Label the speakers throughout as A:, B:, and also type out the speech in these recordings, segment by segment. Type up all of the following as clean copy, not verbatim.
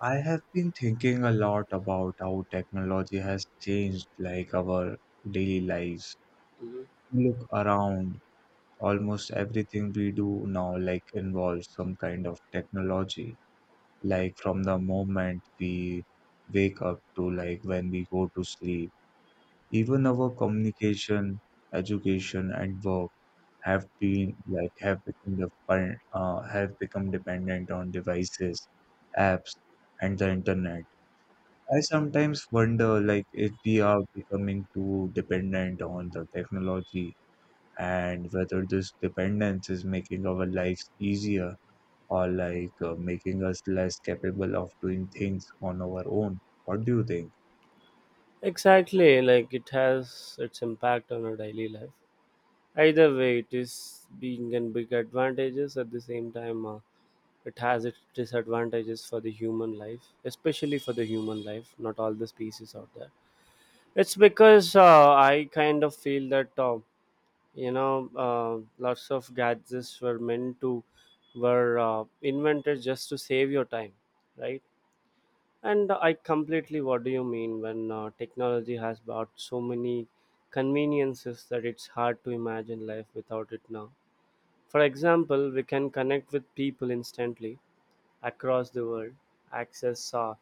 A: I have been thinking a lot about how technology has changed our daily lives.
B: Mhm.
A: Look around, almost everything we do now involves some kind of technology. From the moment we wake up to when we go to sleep. Even our communication, education and work have become dependent on devices, apps and the internet. I sometimes wonder, if we are becoming too dependent on the technology and whether this dependence is making our lives easier or making us less capable of doing things on our own. What do you think?
B: Exactly, like it has its impact on our daily life. Either way, it is being and big advantages at the same time. It has its disadvantages for the human life, especially for the human life. Not all the species out there. It's because I kind of feel that you know lots of gadgets were meant to were invented just to save your time, right? And I completely what do you mean when technology has brought so many conveniences that it's hard to imagine life without it now. For example, we can connect with people instantly across the world, access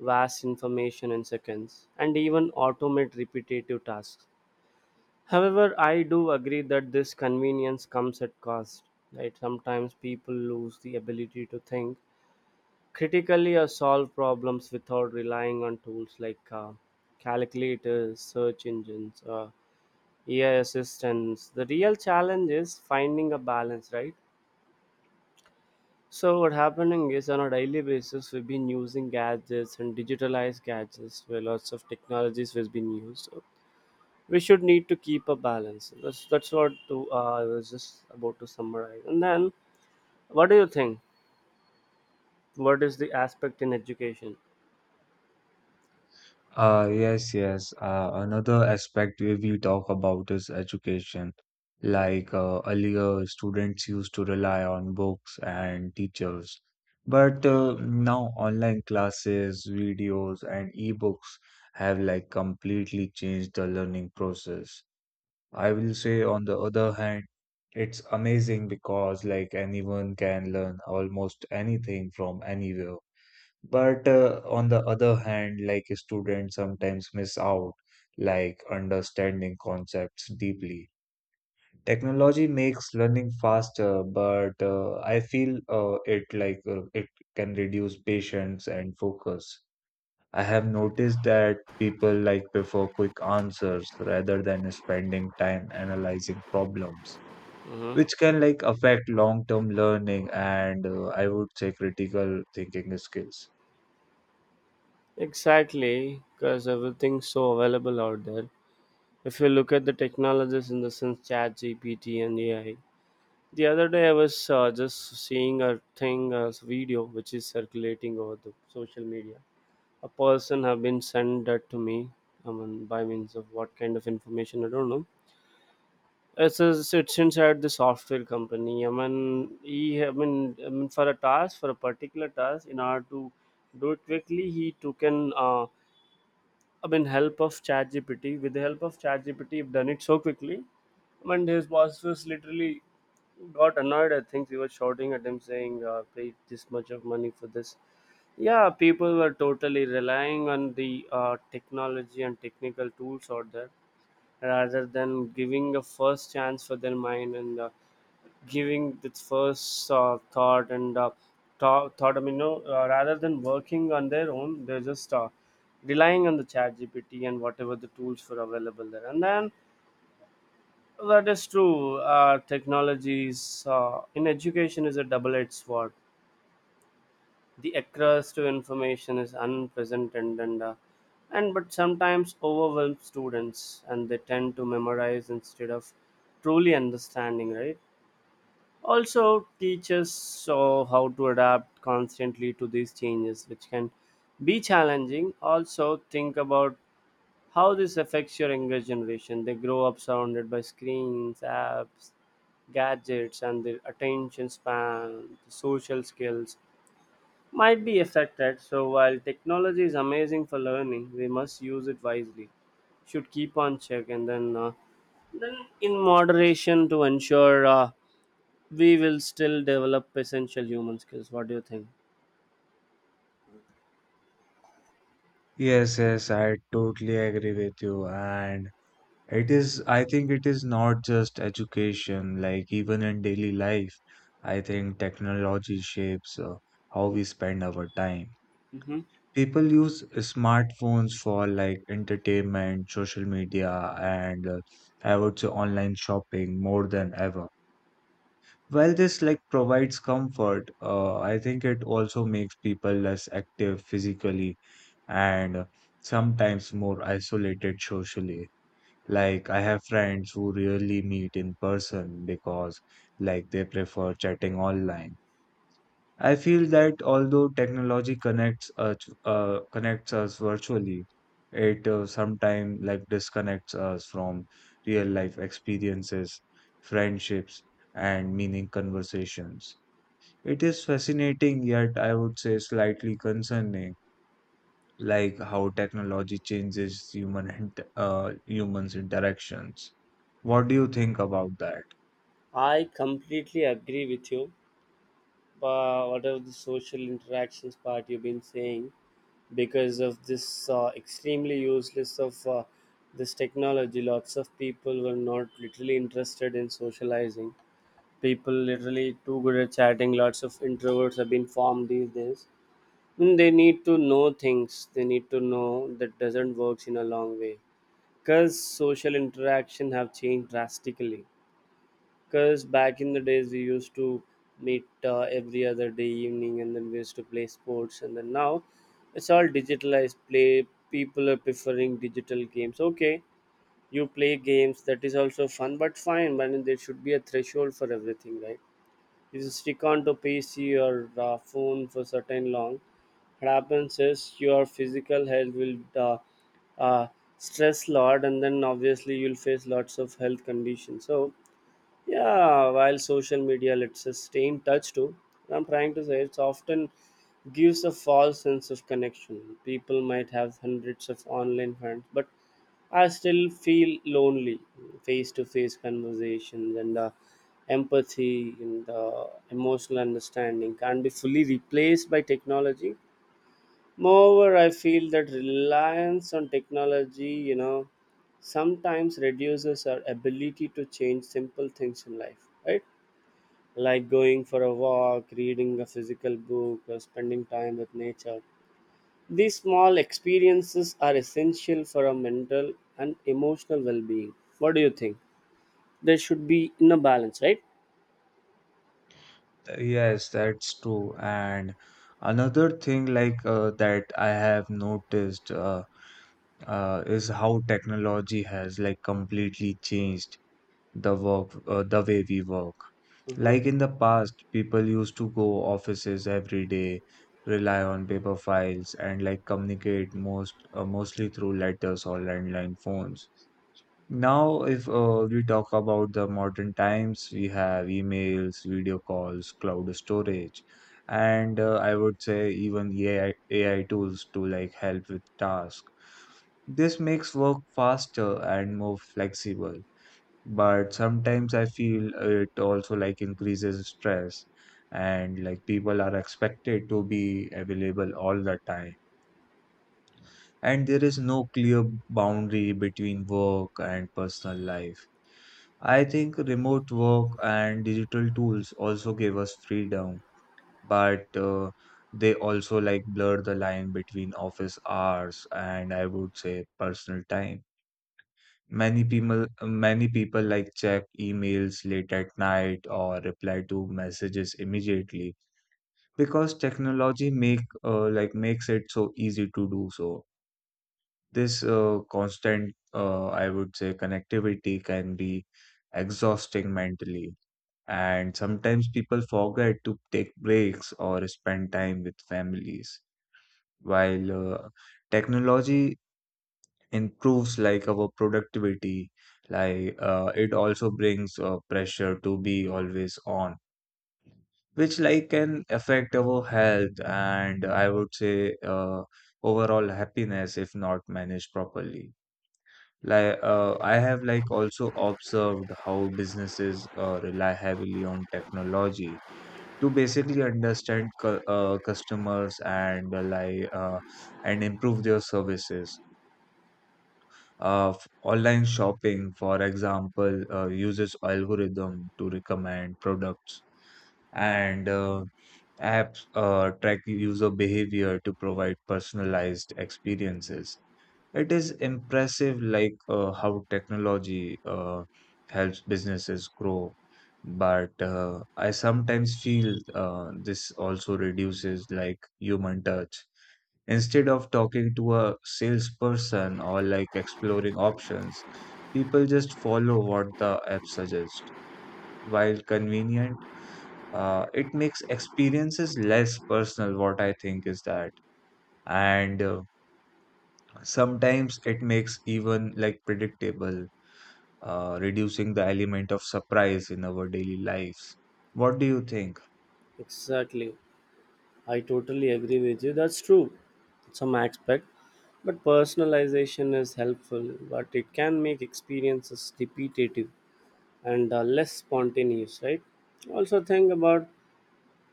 B: vast information in seconds, and even automate repetitive tasks. However, I do agree that this convenience comes at cost. Right? Sometimes people lose the ability to think critically or solve problems without relying on tools like calculators, search engines, AI assistants. The real challenge is finding a balance, right? So what happening is on a daily basis we've been using gadgets and digitalized gadgets where lots of technologies has been used. So we should need to keep a balance. That's what to, I was just about to summarize. And then what do you think? What is the aspect in education?
A: Yes, yes. Another aspect we talk about is education. Earlier, students used to rely on books and teachers, but now online classes, videos, and e-books have completely changed the learning process. I will say, on the other hand, it's amazing because anyone can learn almost anything from anywhere, but on the other hand, students sometimes miss out, understanding concepts deeply. Technology makes learning faster, but I feel it like it can reduce patience and focus. I have noticed that people prefer quick answers rather than spending time analyzing problems,
B: Hmm.
A: which can affect long-term learning and I would say critical thinking skills.
B: Exactly, because everything's so available out there. If you look at the technologies in the sense, Chat GPT and AI. The other day, I was just seeing a thing, a video which is circulating over the social media. A person have been sent that to me. I mean, by means of what kind of information I don't know. It's inside the software company. I mean, for a particular task, in order to do it quickly, he took an I mean, help of ChatGPT. With the help of ChatGPT, you've done it so quickly. I mean, his boss was literally got annoyed. I think he was shouting at him, saying, "Pay this much of money for this." Yeah, people were totally relying on the technology and technical tools out there rather than giving a first chance for their mind and giving its first thought and thought, thought I mean, no, rather than working on their own, they're just relying on the chat GPT and whatever the tools were available there. And then that is true. Technologies in education is a double-edged sword. The access to information is unprecedented and but sometimes overwhelms students and they tend to memorize instead of truly understanding, right? Also teaches so how to adapt constantly to these changes, which can be challenging. Also think about how this affects your younger generation. They grow up surrounded by screens, apps, gadgets, and their attention span, social skills might be affected. So while technology is amazing for learning, we must use it wisely, should keep on check and then in moderation to ensure we will still develop essential human skills. What do you think?
A: Yes, yes, I totally agree with you. And it is, I think it is not just education, even in daily life, I think technology shapes how we spend our time.
B: Hmm.
A: People use smartphones for entertainment, social media, and I would say online shopping more than ever. While this provides comfort, I think it also makes people less active physically and sometimes more isolated socially. I have friends who rarely meet in person because they prefer chatting online. I feel that although technology connects us virtually, it sometimes disconnects us from real life experiences, friendships, and meaning conversations. It is fascinating, yet I would say slightly concerning, how technology changes human humans interactions. What do you think about that?
B: I completely agree with you. But whatever the social interactions part you've been saying, because of this extremely useless of this technology, lots of people were not literally interested in socializing. People literally too good at chatting. Lots of introverts have been formed these days. And they need to know things. They need to know that doesn't works in a long way because social interaction have changed drastically because back in the days we used to meet every other day evening and then we used to play sports and then now it's all digitalized play. People are preferring digital games, okay. You play games, that is also fun but fine, but there should be a threshold for everything, right? If you stick on to PC or phone for certain long, what happens is your physical health will uh, stress lot, and then obviously you'll face lots of health conditions. So yeah, while social media lets us stay in touch too, I'm trying to say it's often gives a false sense of connection. People might have hundreds of online friends, but I still feel lonely. Face to face conversations and empathy and emotional understanding can't be fully replaced by technology. Moreover, I feel that reliance on technology, you know, sometimes reduces our ability to change simple things in life, right? Like going for a walk, reading a physical book, or spending time with nature. These small experiences are essential for our mental and emotional well being. What do you think? There should be in a balance, right?
A: Yes, that's true. And another thing like that I have noticed is how technology has completely changed the way we work.
B: Mm-hmm.
A: In the past, people used to go offices every day, rely on paper files and communicate mostly through letters or landline phones. Now, if we talk about the modern times, we have emails, video calls, cloud storage, and I would say even AI, AI tools to help with task. This makes work faster and more flexible, but sometimes I feel it also increases stress and people are expected to be available all the time and there is no clear boundary between work and personal life. I think remote work and digital tools also give us freedom, but they also blur the line between office hours and I would say personal time. Many people check emails late at night or reply to messages immediately because technology make like makes it so easy to do so. This constant, I would say, connectivity can be exhausting mentally. And sometimes people forget to take breaks or spend time with families. While technology improves our productivity, it also brings pressure to be always on, which can affect our health and I would say overall happiness if not managed properly. I have also observed how businesses rely heavily on technology to basically understand customers and and improve their services. Online shopping, for example, uses algorithm to recommend products and apps track user behavior to provide personalized experiences. It is impressive, how technology helps businesses grow, but I sometimes feel this also reduces human touch. Instead of talking to a salesperson or exploring options, people just follow what the app suggests. While convenient, it makes experiences less personal. What I think is that, and sometimes it makes even predictable, reducing the element of surprise in our daily lives. What do you think?
B: Exactly. I totally agree with you. That's true. Some aspect. But personalization is helpful, but it can make experiences repetitive and less spontaneous, right? Also, think about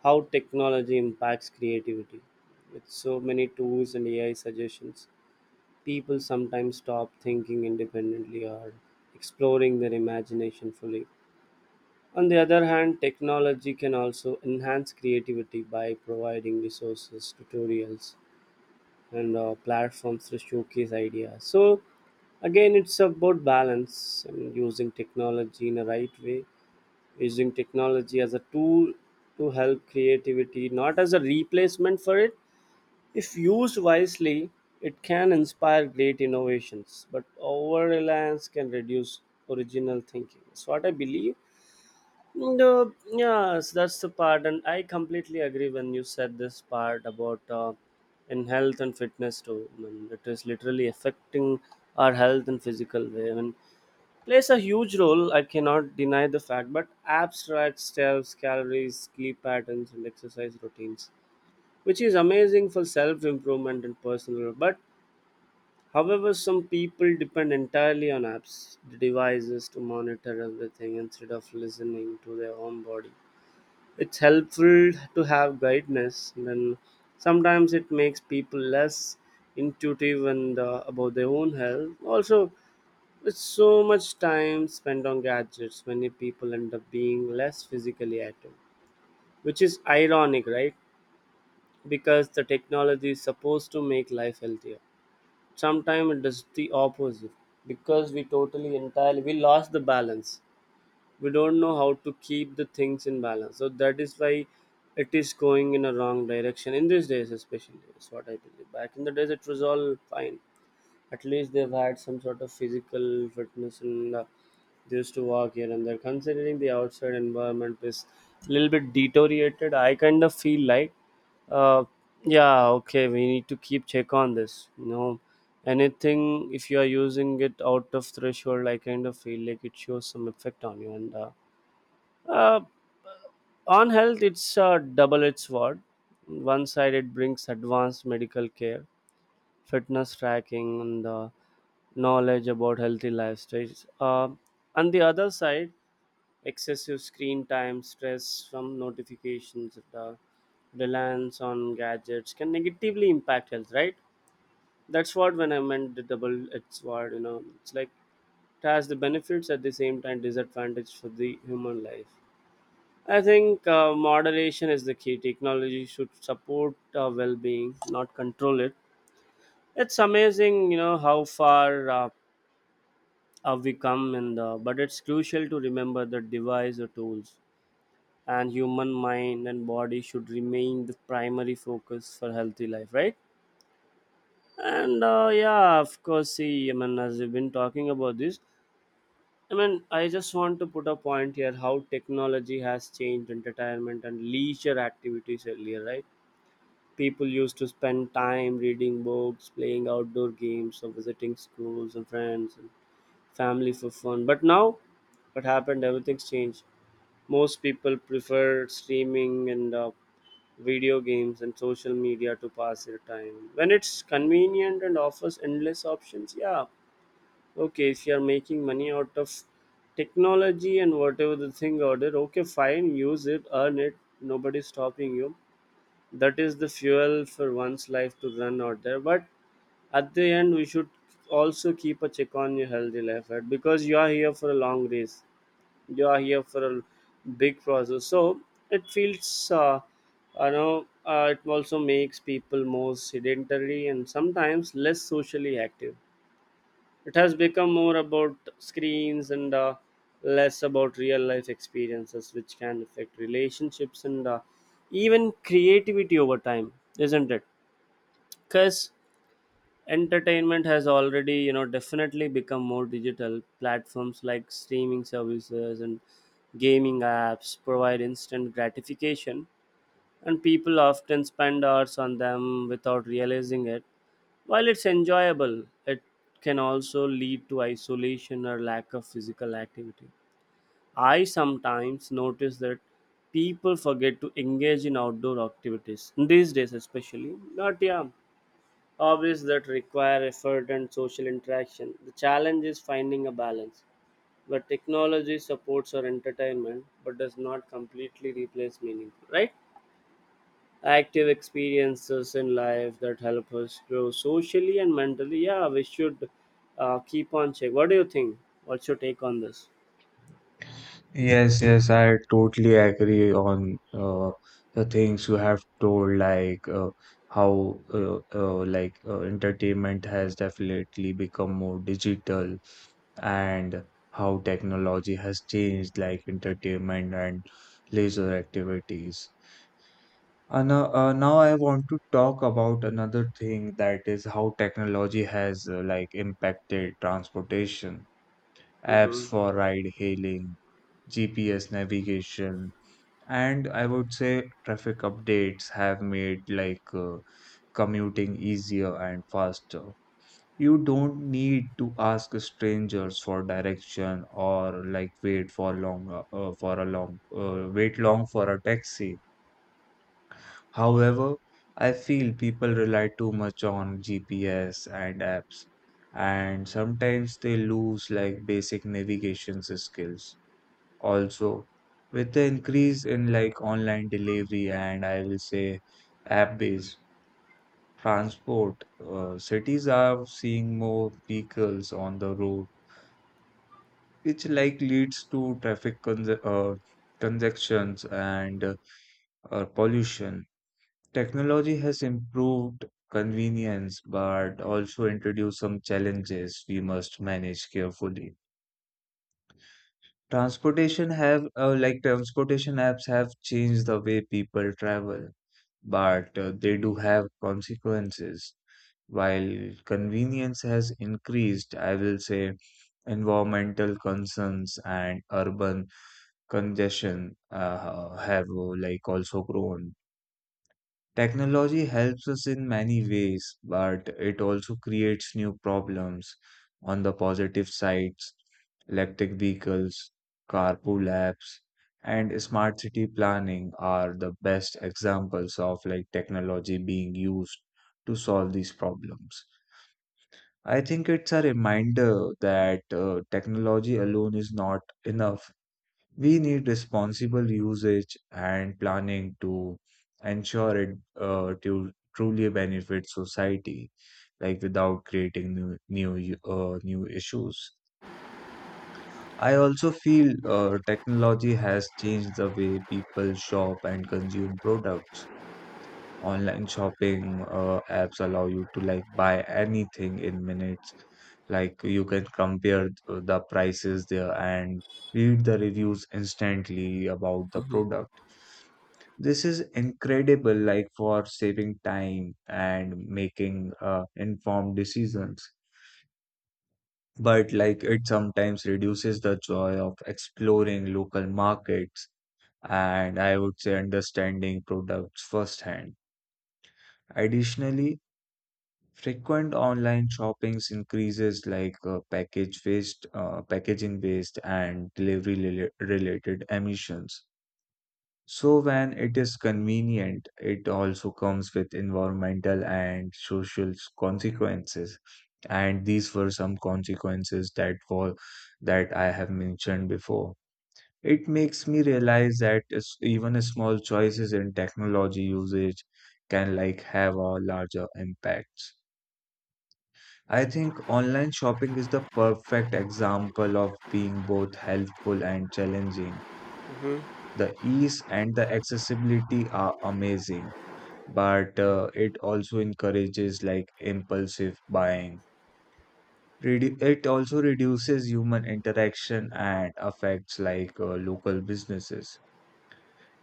B: how technology impacts creativity. With so many tools and AI suggestions, people sometimes stop thinking independently or exploring their imagination fully. On the other hand, technology can also enhance creativity by providing resources, tutorials, and platforms to showcase ideas. So again, it's about balance and using technology in a right way, using technology as a tool to help creativity, not as a replacement for it. If used wisely, it can inspire great innovations, but over reliance can reduce original thinking. That's what I believe. No, yes, that's the part, and I completely agree when you said this part about in health and fitness too. I mean, it is literally affecting our health in physical way. I mean, plays a huge role. I cannot deny the fact, but abstract steps, calories, sleep patterns, and exercise routines, which is amazing for self improvement and personal. But however, some people depend entirely on apps, devices to monitor everything instead of listening to their own body. It's helpful to have guidance, and then sometimes it makes people less intuitive and about their own health. Also, with so much time spent on gadgets, many people end up being less physically active, which is ironic, right? Because the technology is supposed to make life healthier. Sometimes it does the opposite because we totally entirely we lost the balance. We don't know how to keep the things in balance, so that is why it is going in a wrong direction in these days especially is what I believe. Back in the days it was all fine. At least they've had some sort of physical fitness and they used to walk here and there. Considering the outside environment is a little bit deteriorated, I kind of feel like uh, yeah, okay, we need to keep check on this, you know. Anything, if you are using it out of threshold, I kind of feel like it shows some effect on you and uh, on health, it's a double edged sword. One side, it brings advanced medical care, fitness tracking, and knowledge about healthy lifestyles. On the other side, excessive screen time, stress from notifications, and, reliance on gadgets can negatively impact health, right? That's what when I meant the double edged sword, you know, it's like it has the benefits at the same time disadvantage for the human life. I think moderation is the key. Technology should support well-being, not control it. It's amazing, you know, how far have we come, and but it's crucial to remember that device or tools and human mind and body should remain the primary focus for healthy life, right? And yeah, of course. See, I mean, as we've been talking about this, I mean, I just want to put a point here: how technology has changed entertainment and leisure activities earlier, right? People used to spend time reading books, playing outdoor games, or visiting schools and friends and family for fun. But now, what happened? Everything's changed. Most people prefer streaming and video games and social media to pass their time. When it's convenient and offers endless options, yeah, okay, if you're making money out of technology and whatever the thing order, okay, fine, use it, earn it. Nobody's stopping you. That is the fuel for one's life to run out there, but at the end we should also keep a check on your healthy life, right? Because you are here for a long race, you are here for a big process. So it feels it also makes people more sedentary and sometimes less socially active. It has become more about screens and less about real life experiences, which can affect relationships and even creativity over time, isn't it? Because entertainment has already, you know, definitely become more digital. Platforms like streaming services and gaming apps provide instant gratification, and people often spend hours on them without realizing it. While it's enjoyable, it can also lead to isolation or lack of physical activity. I sometimes notice that people forget to engage in outdoor activities, these days especially. Not yeah, hobbies that require effort and social interaction. The challenge is finding a balance where technology supports our entertainment but does not completely replace meaning, right? Active experiences in life that help us grow socially and mentally. Yeah, we should keep on check. What do you think? What's your take on this?
A: Yes, yes, I totally agree on the things you have told, like how like entertainment has definitely become more digital and how technology has changed entertainment and leisure activities. Now I want to talk about another thing, that is how technology has impacted transportation, apps
B: Mm-hmm.
A: for ride hailing, GPS navigation, and I would say traffic updates have made commuting easier and faster. You don't need to ask strangers for direction or like wait for long for a long wait long for a taxi. However, I feel people rely too much on GPS and apps, and sometimes they lose basic navigation skills. Also, with the increase in online delivery and I will say app-based transport, cities are seeing more vehicles on the road, which leads to traffic con congestions and pollution. Technology has improved convenience but also introduced some challenges we must manage carefully. Transportation apps have changed the way people travel, but they do have consequences. While convenience has increased, I will say environmental concerns and urban congestion have like also grown. Technology helps us in many ways, but it also creates new problems. On the positive sides, electric vehicles, carpool apps, and smart city planning are the best examples of technology being used to solve these problems. I think it's a reminder that technology alone is not enough. We need responsible usage and planning to ensure it to truly benefit society, without creating new issues. I also feel technology has changed the way people shop and consume products. Online shopping apps allow you to buy anything in minutes. You can compare the prices there and read the reviews instantly about the product. This is incredible, for saving time and making informed decisions. But it sometimes reduces the joy of exploring local markets and I would say understanding products firsthand. Additionally, frequent online shoppings increases packaging waste, and related emissions. So when it is convenient, it also comes with environmental and social consequences. And these were some consequences that were that I have mentioned before. It makes me realize that even small choices in technology usage can have a larger impact. I think online shopping is the perfect example of being both helpful and challenging.
B: Hmm.
A: The ease and the accessibility are amazing, but it also encourages impulsive buying. It also reduces human interaction and affects local businesses.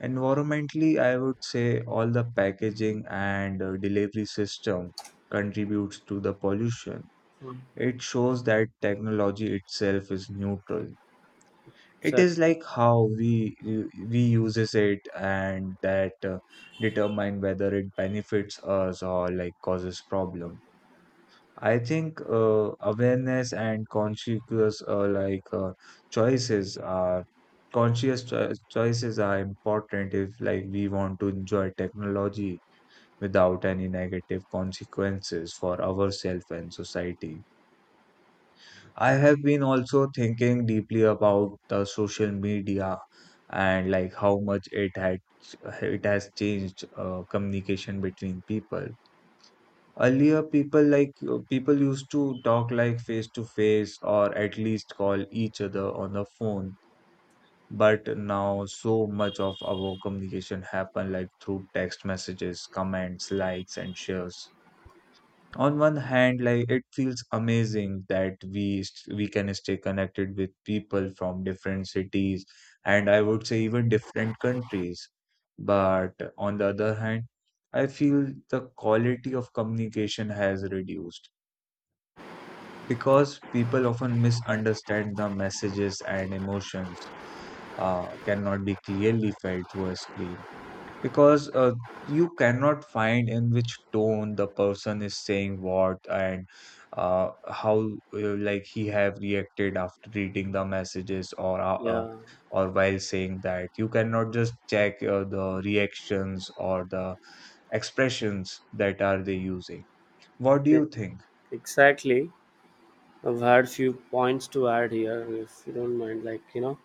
A: Environmentally, I would say all the packaging and delivery system contributes to the pollution.
B: Hmm.
A: It shows that technology itself is neutral. It
B: So,
A: is like how we uses it, and that determine whether it benefits us or causes problem. I think awareness and choices are conscious choices are important if we want to enjoy technology without any negative consequences for ourselves and society. I have been also thinking deeply about the social media and like how much it had it has changed communication between people. Earlier, people used to talk face to face or at least call each other on the phone. But now, so much of our communication happen through text messages, comments, likes, and shares. On one hand, it feels amazing that we can stay connected with people from different cities and I would say even different countries, but on the other hand, I feel the quality of communication has reduced because people often misunderstand the messages, and emotions cannot be clearly felt through a screen, because you cannot find in which tone the person is saying what, and how like he have reacted after reading the messages,
B: yeah,
A: or while saying that you cannot just check the reactions or the expressions that are they using. What do
B: e-
A: you think?
B: exactly. I've had few points to add here, if you don't mind.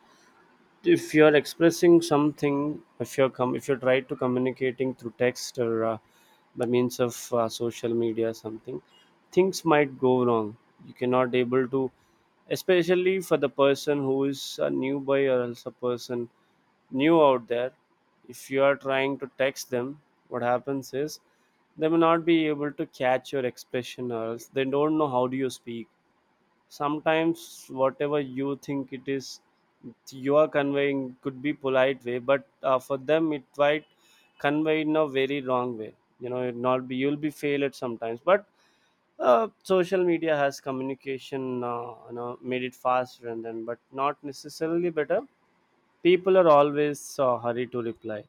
B: If you're expressing something, if you're if you try to communicating through text or by means of social media something, things might go wrong. You cannot able to, especially for the person who is a newbie or else a person new out there. If you are trying to text them, what happens is they may not be able to catch your expression or else they don't know how do you speak. Sometimes whatever you think it is you are conveying could be polite way, but for them it might convey in a very wrong way. You know it not be, you'll be fail at sometimes. But social media has communication, made it faster and then but not necessarily better. People are always hurry to reply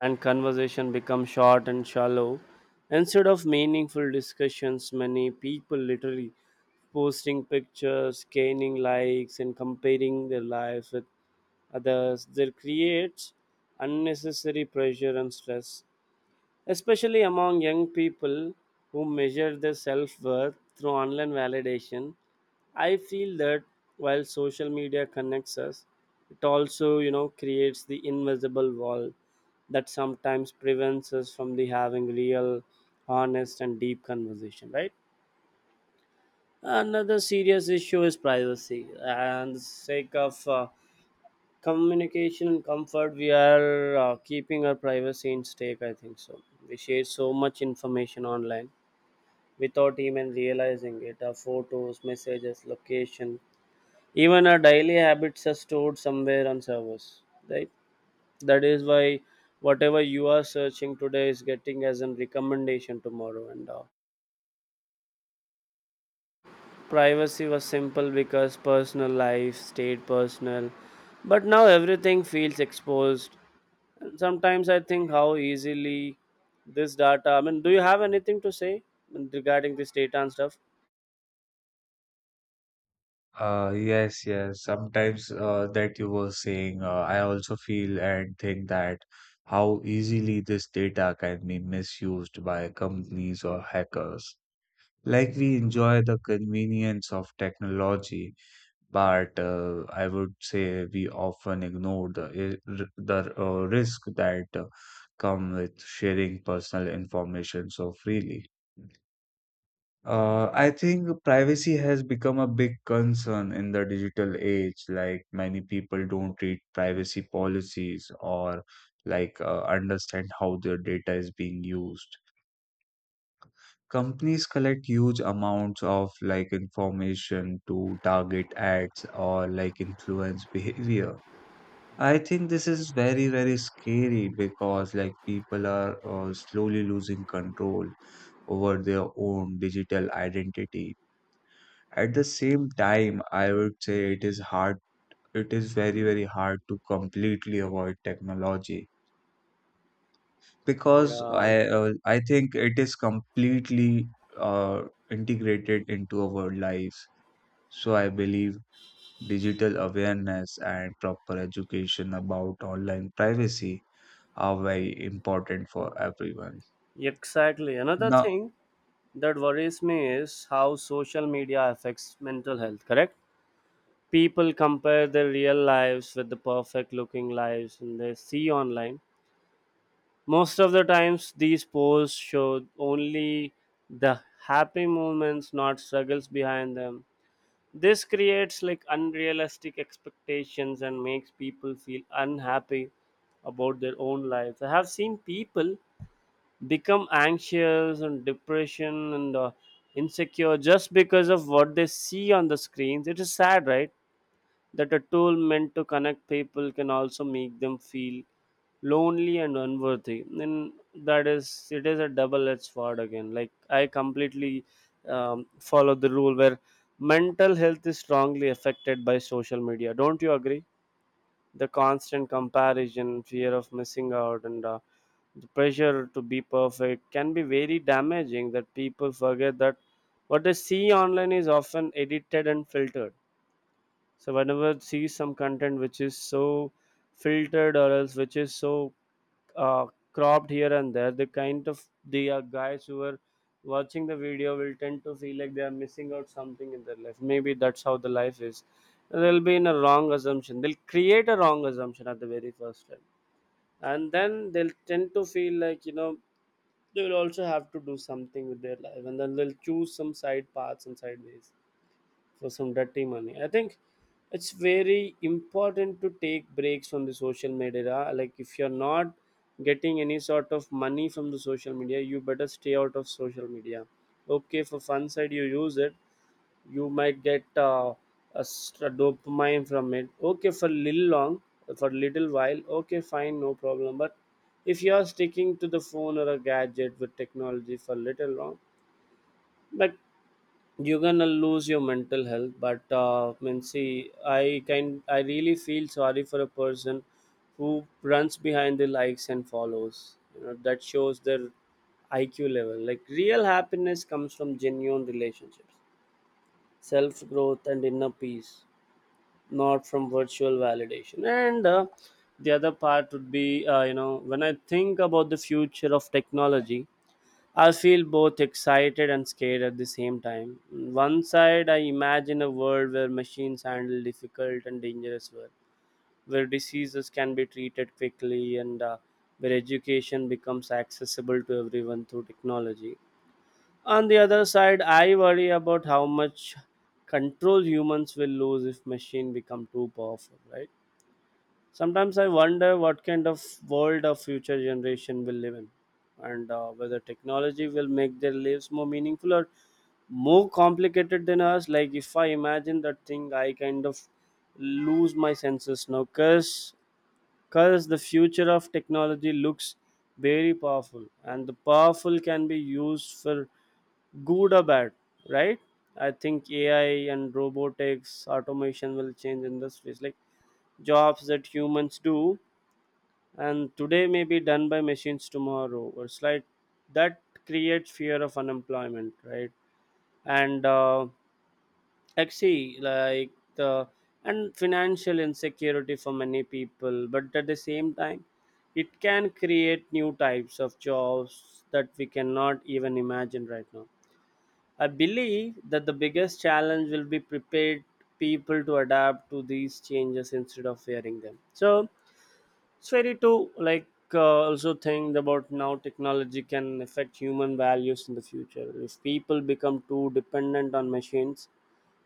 B: and conversation becomes short and shallow. Instead of meaningful discussions, many people literally posting pictures, gaining likes, and comparing their lives with others. That creates unnecessary pressure and stress, especially among young people who measure their self worth through online validation. I feel that while social media connects us, it also, creates the invisible wall that sometimes prevents us from the having real, honest, and deep conversation, right? Another serious issue is privacy, and the sake of communication and comfort, we are keeping our privacy in stake. I think so. We share so much information online without even realizing it. Our photos, messages, location, even our daily habits are stored somewhere on servers. Right. That is why whatever you are searching today is getting as a recommendation tomorrow and all. Privacy was simple because personal life stayed personal, but now everything feels exposed. And sometimes I think how easily this data. I mean, do you have anything to say regarding this data and stuff?
A: Yes, yes. Sometimes that you were saying, I also feel and think that how easily this data can be misused by companies or hackers. We enjoy the convenience of technology, but I would say we often ignore the risk that come with sharing personal information so freely. I think privacy has become a big concern in the digital age. Many people don't read privacy policies or understand how their data is being used. Companies collect huge amounts of like information to target ads or like influence behavior. I think this is very, very scary because like people are slowly losing control over their own digital identity. At the same time, I would say it is hard, it is very, very hard to completely avoid technology because
B: Yeah,
A: I think it is completely uh, integrated into our life. So I believe digital awareness and proper education about online privacy are very important for everyone.
B: exactly. Another
A: Now,
B: thing that worries me is how social media affects mental health, correct? People compare their real lives with the perfect looking lives and they see online. Most of the times, these posts show only the happy moments, not struggles behind them. This creates like unrealistic expectations and makes people feel unhappy about their own lives. I have seen people become anxious and depression and insecure just because of what they see on the screens. It is sad, right? That a tool meant to connect people can also make them feel lonely and unworthy. Then that is, it is a double-edged sword again. Like I completely follow the rule where mental health is strongly affected by social media, don't you agree? The constant comparison, fear of missing out, and the pressure to be perfect can be very damaging, that people forget that what they see online is often edited and filtered. So whenever see some content which is so filtered or else which is so uh, cropped here and there, the kind of the guys who are watching the video will tend to feel like they are missing out something in their life, maybe that's how the life is. They'll be in a wrong assumption, they'll create a wrong assumption at the very first time, and then they'll tend to feel like, they will also have to do something with their life, and then they'll choose some side paths and side ways for some dirty money. I think it's very important to take breaks from the social media. Like if you're not getting any sort of money from the social media, you better stay out of social media. Okay, for fun side you use it, you might get a dopamine from it. Okay, for little long, for little while. Okay, fine, no problem. But if you are sticking to the phone or a gadget with technology for little long, but you're gonna lose your mental health. But I mean, see, I can, I really feel sorry for a person who runs behind the likes and follows, that shows their IQ level. Like real happiness comes from genuine relationships, self growth and inner peace, not from virtual validation. And the other part would be, when I think about the future of technology, I feel both excited and scared at the same time. One side, I imagine a world where machines handle difficult and dangerous work, where diseases can be treated quickly, and where education becomes accessible to everyone through technology. On the other side, I worry about how much control humans will lose if machines become too powerful, right? Sometimes I wonder what kind of world a future generation will live in, and whether technology will make their lives more meaningful or more complicated than us. Like if I imagine that thing, I kind of lose my senses now, cause the future of technology looks very powerful, and the powerful can be used for good or bad, right? I think AI and robotics, automation will change industries, like jobs that humans do and today may be done by machines tomorrow, or like that creates fear of unemployment, right? And actually, like the and financial insecurity for many people, but at the same time it can create new types of jobs that we cannot even imagine right now. I believe that the biggest challenge will be prepared people to adapt to these changes instead of fearing them. So it's very true. Like also think about now technology can affect human values in the future. If people become too dependent on machines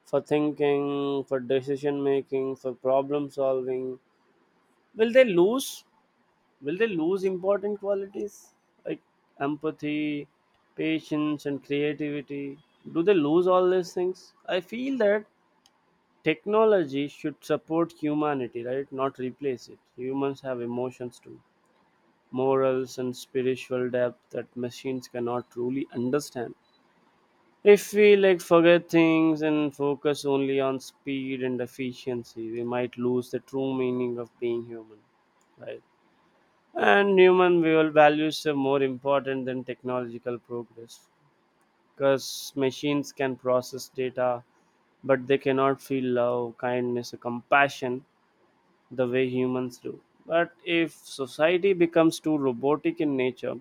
B: for thinking, for decision making, for problem solving, will they lose? Will they lose important qualities like empathy, patience, and creativity? Do they lose all these things? I feel that technology should support humanity, right? Not replace it. Humans have emotions too, morals and spiritual depth that machines cannot truly understand. If we like forget things and focus only on speed and efficiency, we might lose the true meaning of being human, right? And human will values are more important than technological progress, because machines can process data, but they cannot feel love, kindness or compassion the way humans do. But if society becomes too robotic in nature,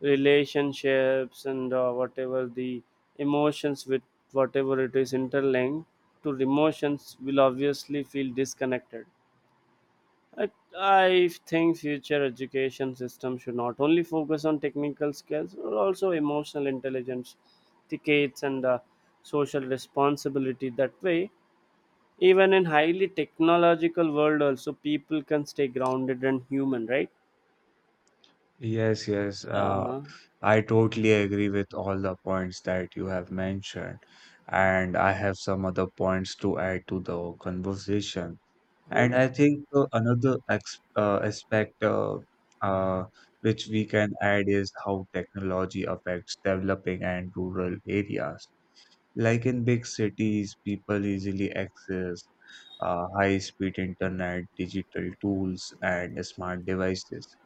B: relationships and whatever the emotions with whatever it is interlinked to emotions will obviously feel disconnected. I, I think future education system should not only focus on technical skills but also emotional intelligence, tickets and social responsibility. That way, even in highly technological world also people can stay grounded and human, right?
A: Yes, yes.
B: Uh-huh.
A: I totally agree with all the points that you have mentioned, and I have some other points to add to the conversation. And I think another ex aspect uh, which we can add is how technology affects developing and rural areas. Like in big cities, people easily access high-speed internet, digital tools, and smart devices.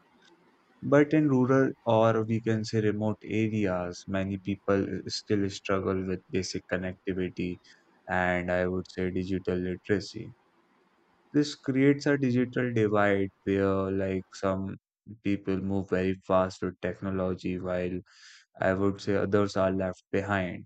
A: But in rural or we can say remote areas, many people still struggle with basic connectivity and I would say digital literacy. This creates a digital divide where like some people move very fast with technology while I would say others are left behind.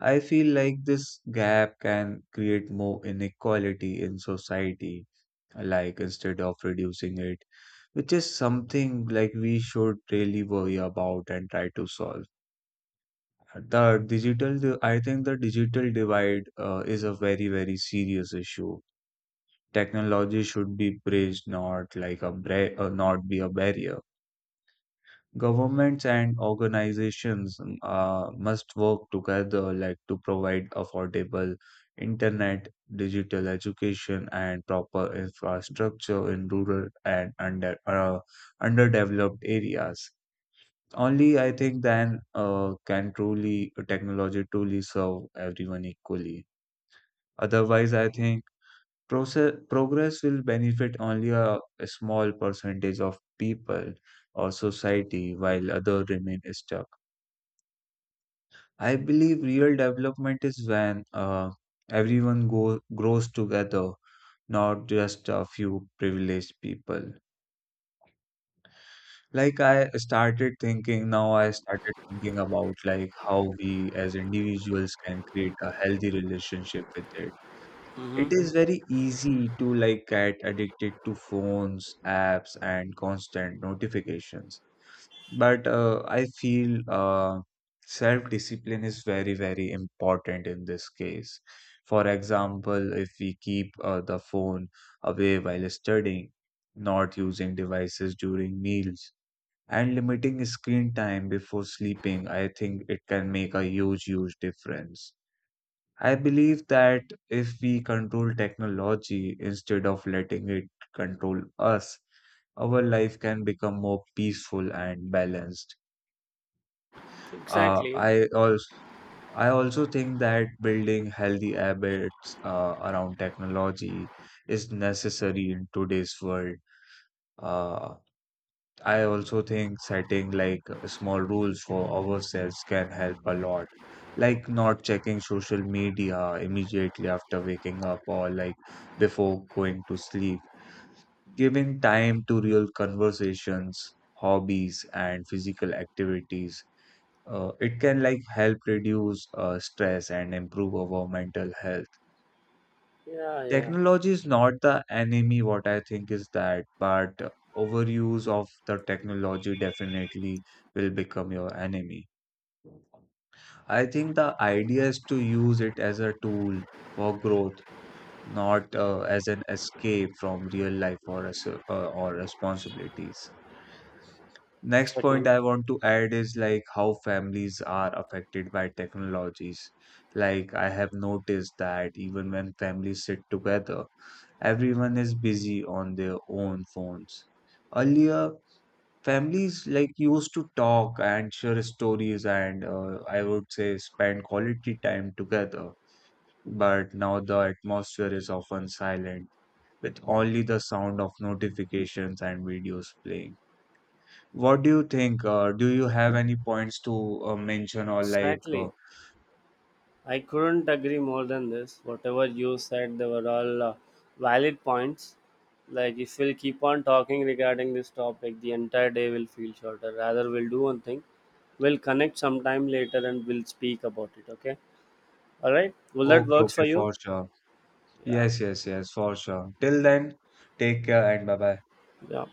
A: I feel like this gap can create more inequality in society like instead of reducing it, which is something like we should really worry about and try to solve. I think the digital divide is a very, very serious issue. Technology should be praised, not be a barrier. Governments and organizations must work together like to provide affordable internet, digital education, and proper infrastructure in rural and underdeveloped areas. Only I think then can truly technology truly serve everyone equally. Otherwise, I think progress will benefit only a small percentage of people or society while other remain stuck. I believe real development is when everyone grows together, not just a few privileged people. Now I started thinking about like how we as individuals can create a healthy relationship with it. It
B: Hmm.
A: is very easy to like get addicted to phones, apps, and constant notifications. But I feel self-discipline is very, very important in this case. For example, if we keep the phone away while studying, not using devices during meals, and limiting screen time before sleeping, I think it can make a huge, huge difference. I believe that if we control technology instead of letting it control us, our life can become more peaceful and balanced. Uh,
B: Exactly.
A: I also I also think that building healthy habits around technology is necessary in today's world. Uh, I also think setting like small rules for ourselves can help a lot. Like not checking social media immediately after waking up or like before going to sleep. Giving time to real conversations, hobbies, and physical activities. It can like help reduce stress and improve our mental health.
B: Yeah, yeah.
A: Technology is not the enemy, what I think is that, but overuse of the technology definitely will become your enemy. I think the idea is to use it as a tool for growth, not as an escape from real life or responsibilities. Next point
B: Exactly.
A: I want to add is like how families are affected by technologies. Like I have noticed that even when families sit together, everyone is busy on their own phones. Earlier, families like used to talk and share stories and I would say spend quality time together. But now the atmosphere is often silent with only the sound of notifications and videos playing. What do you think? Do you have any points to mention or like?
B: Exactly. I couldn't agree more than this. Whatever you said, they were all valid points. Like, if we'll keep on talking regarding this topic, the entire day will feel shorter. Rather, we'll do one thing. We'll connect sometime later and we'll speak about it, okay? All right? Will that
A: Okay,
B: works
A: okay,
B: for you?
A: for sure.
B: Yeah.
A: Yes, yes, yes, for sure. Till then, take care and bye bye.
B: Yeah.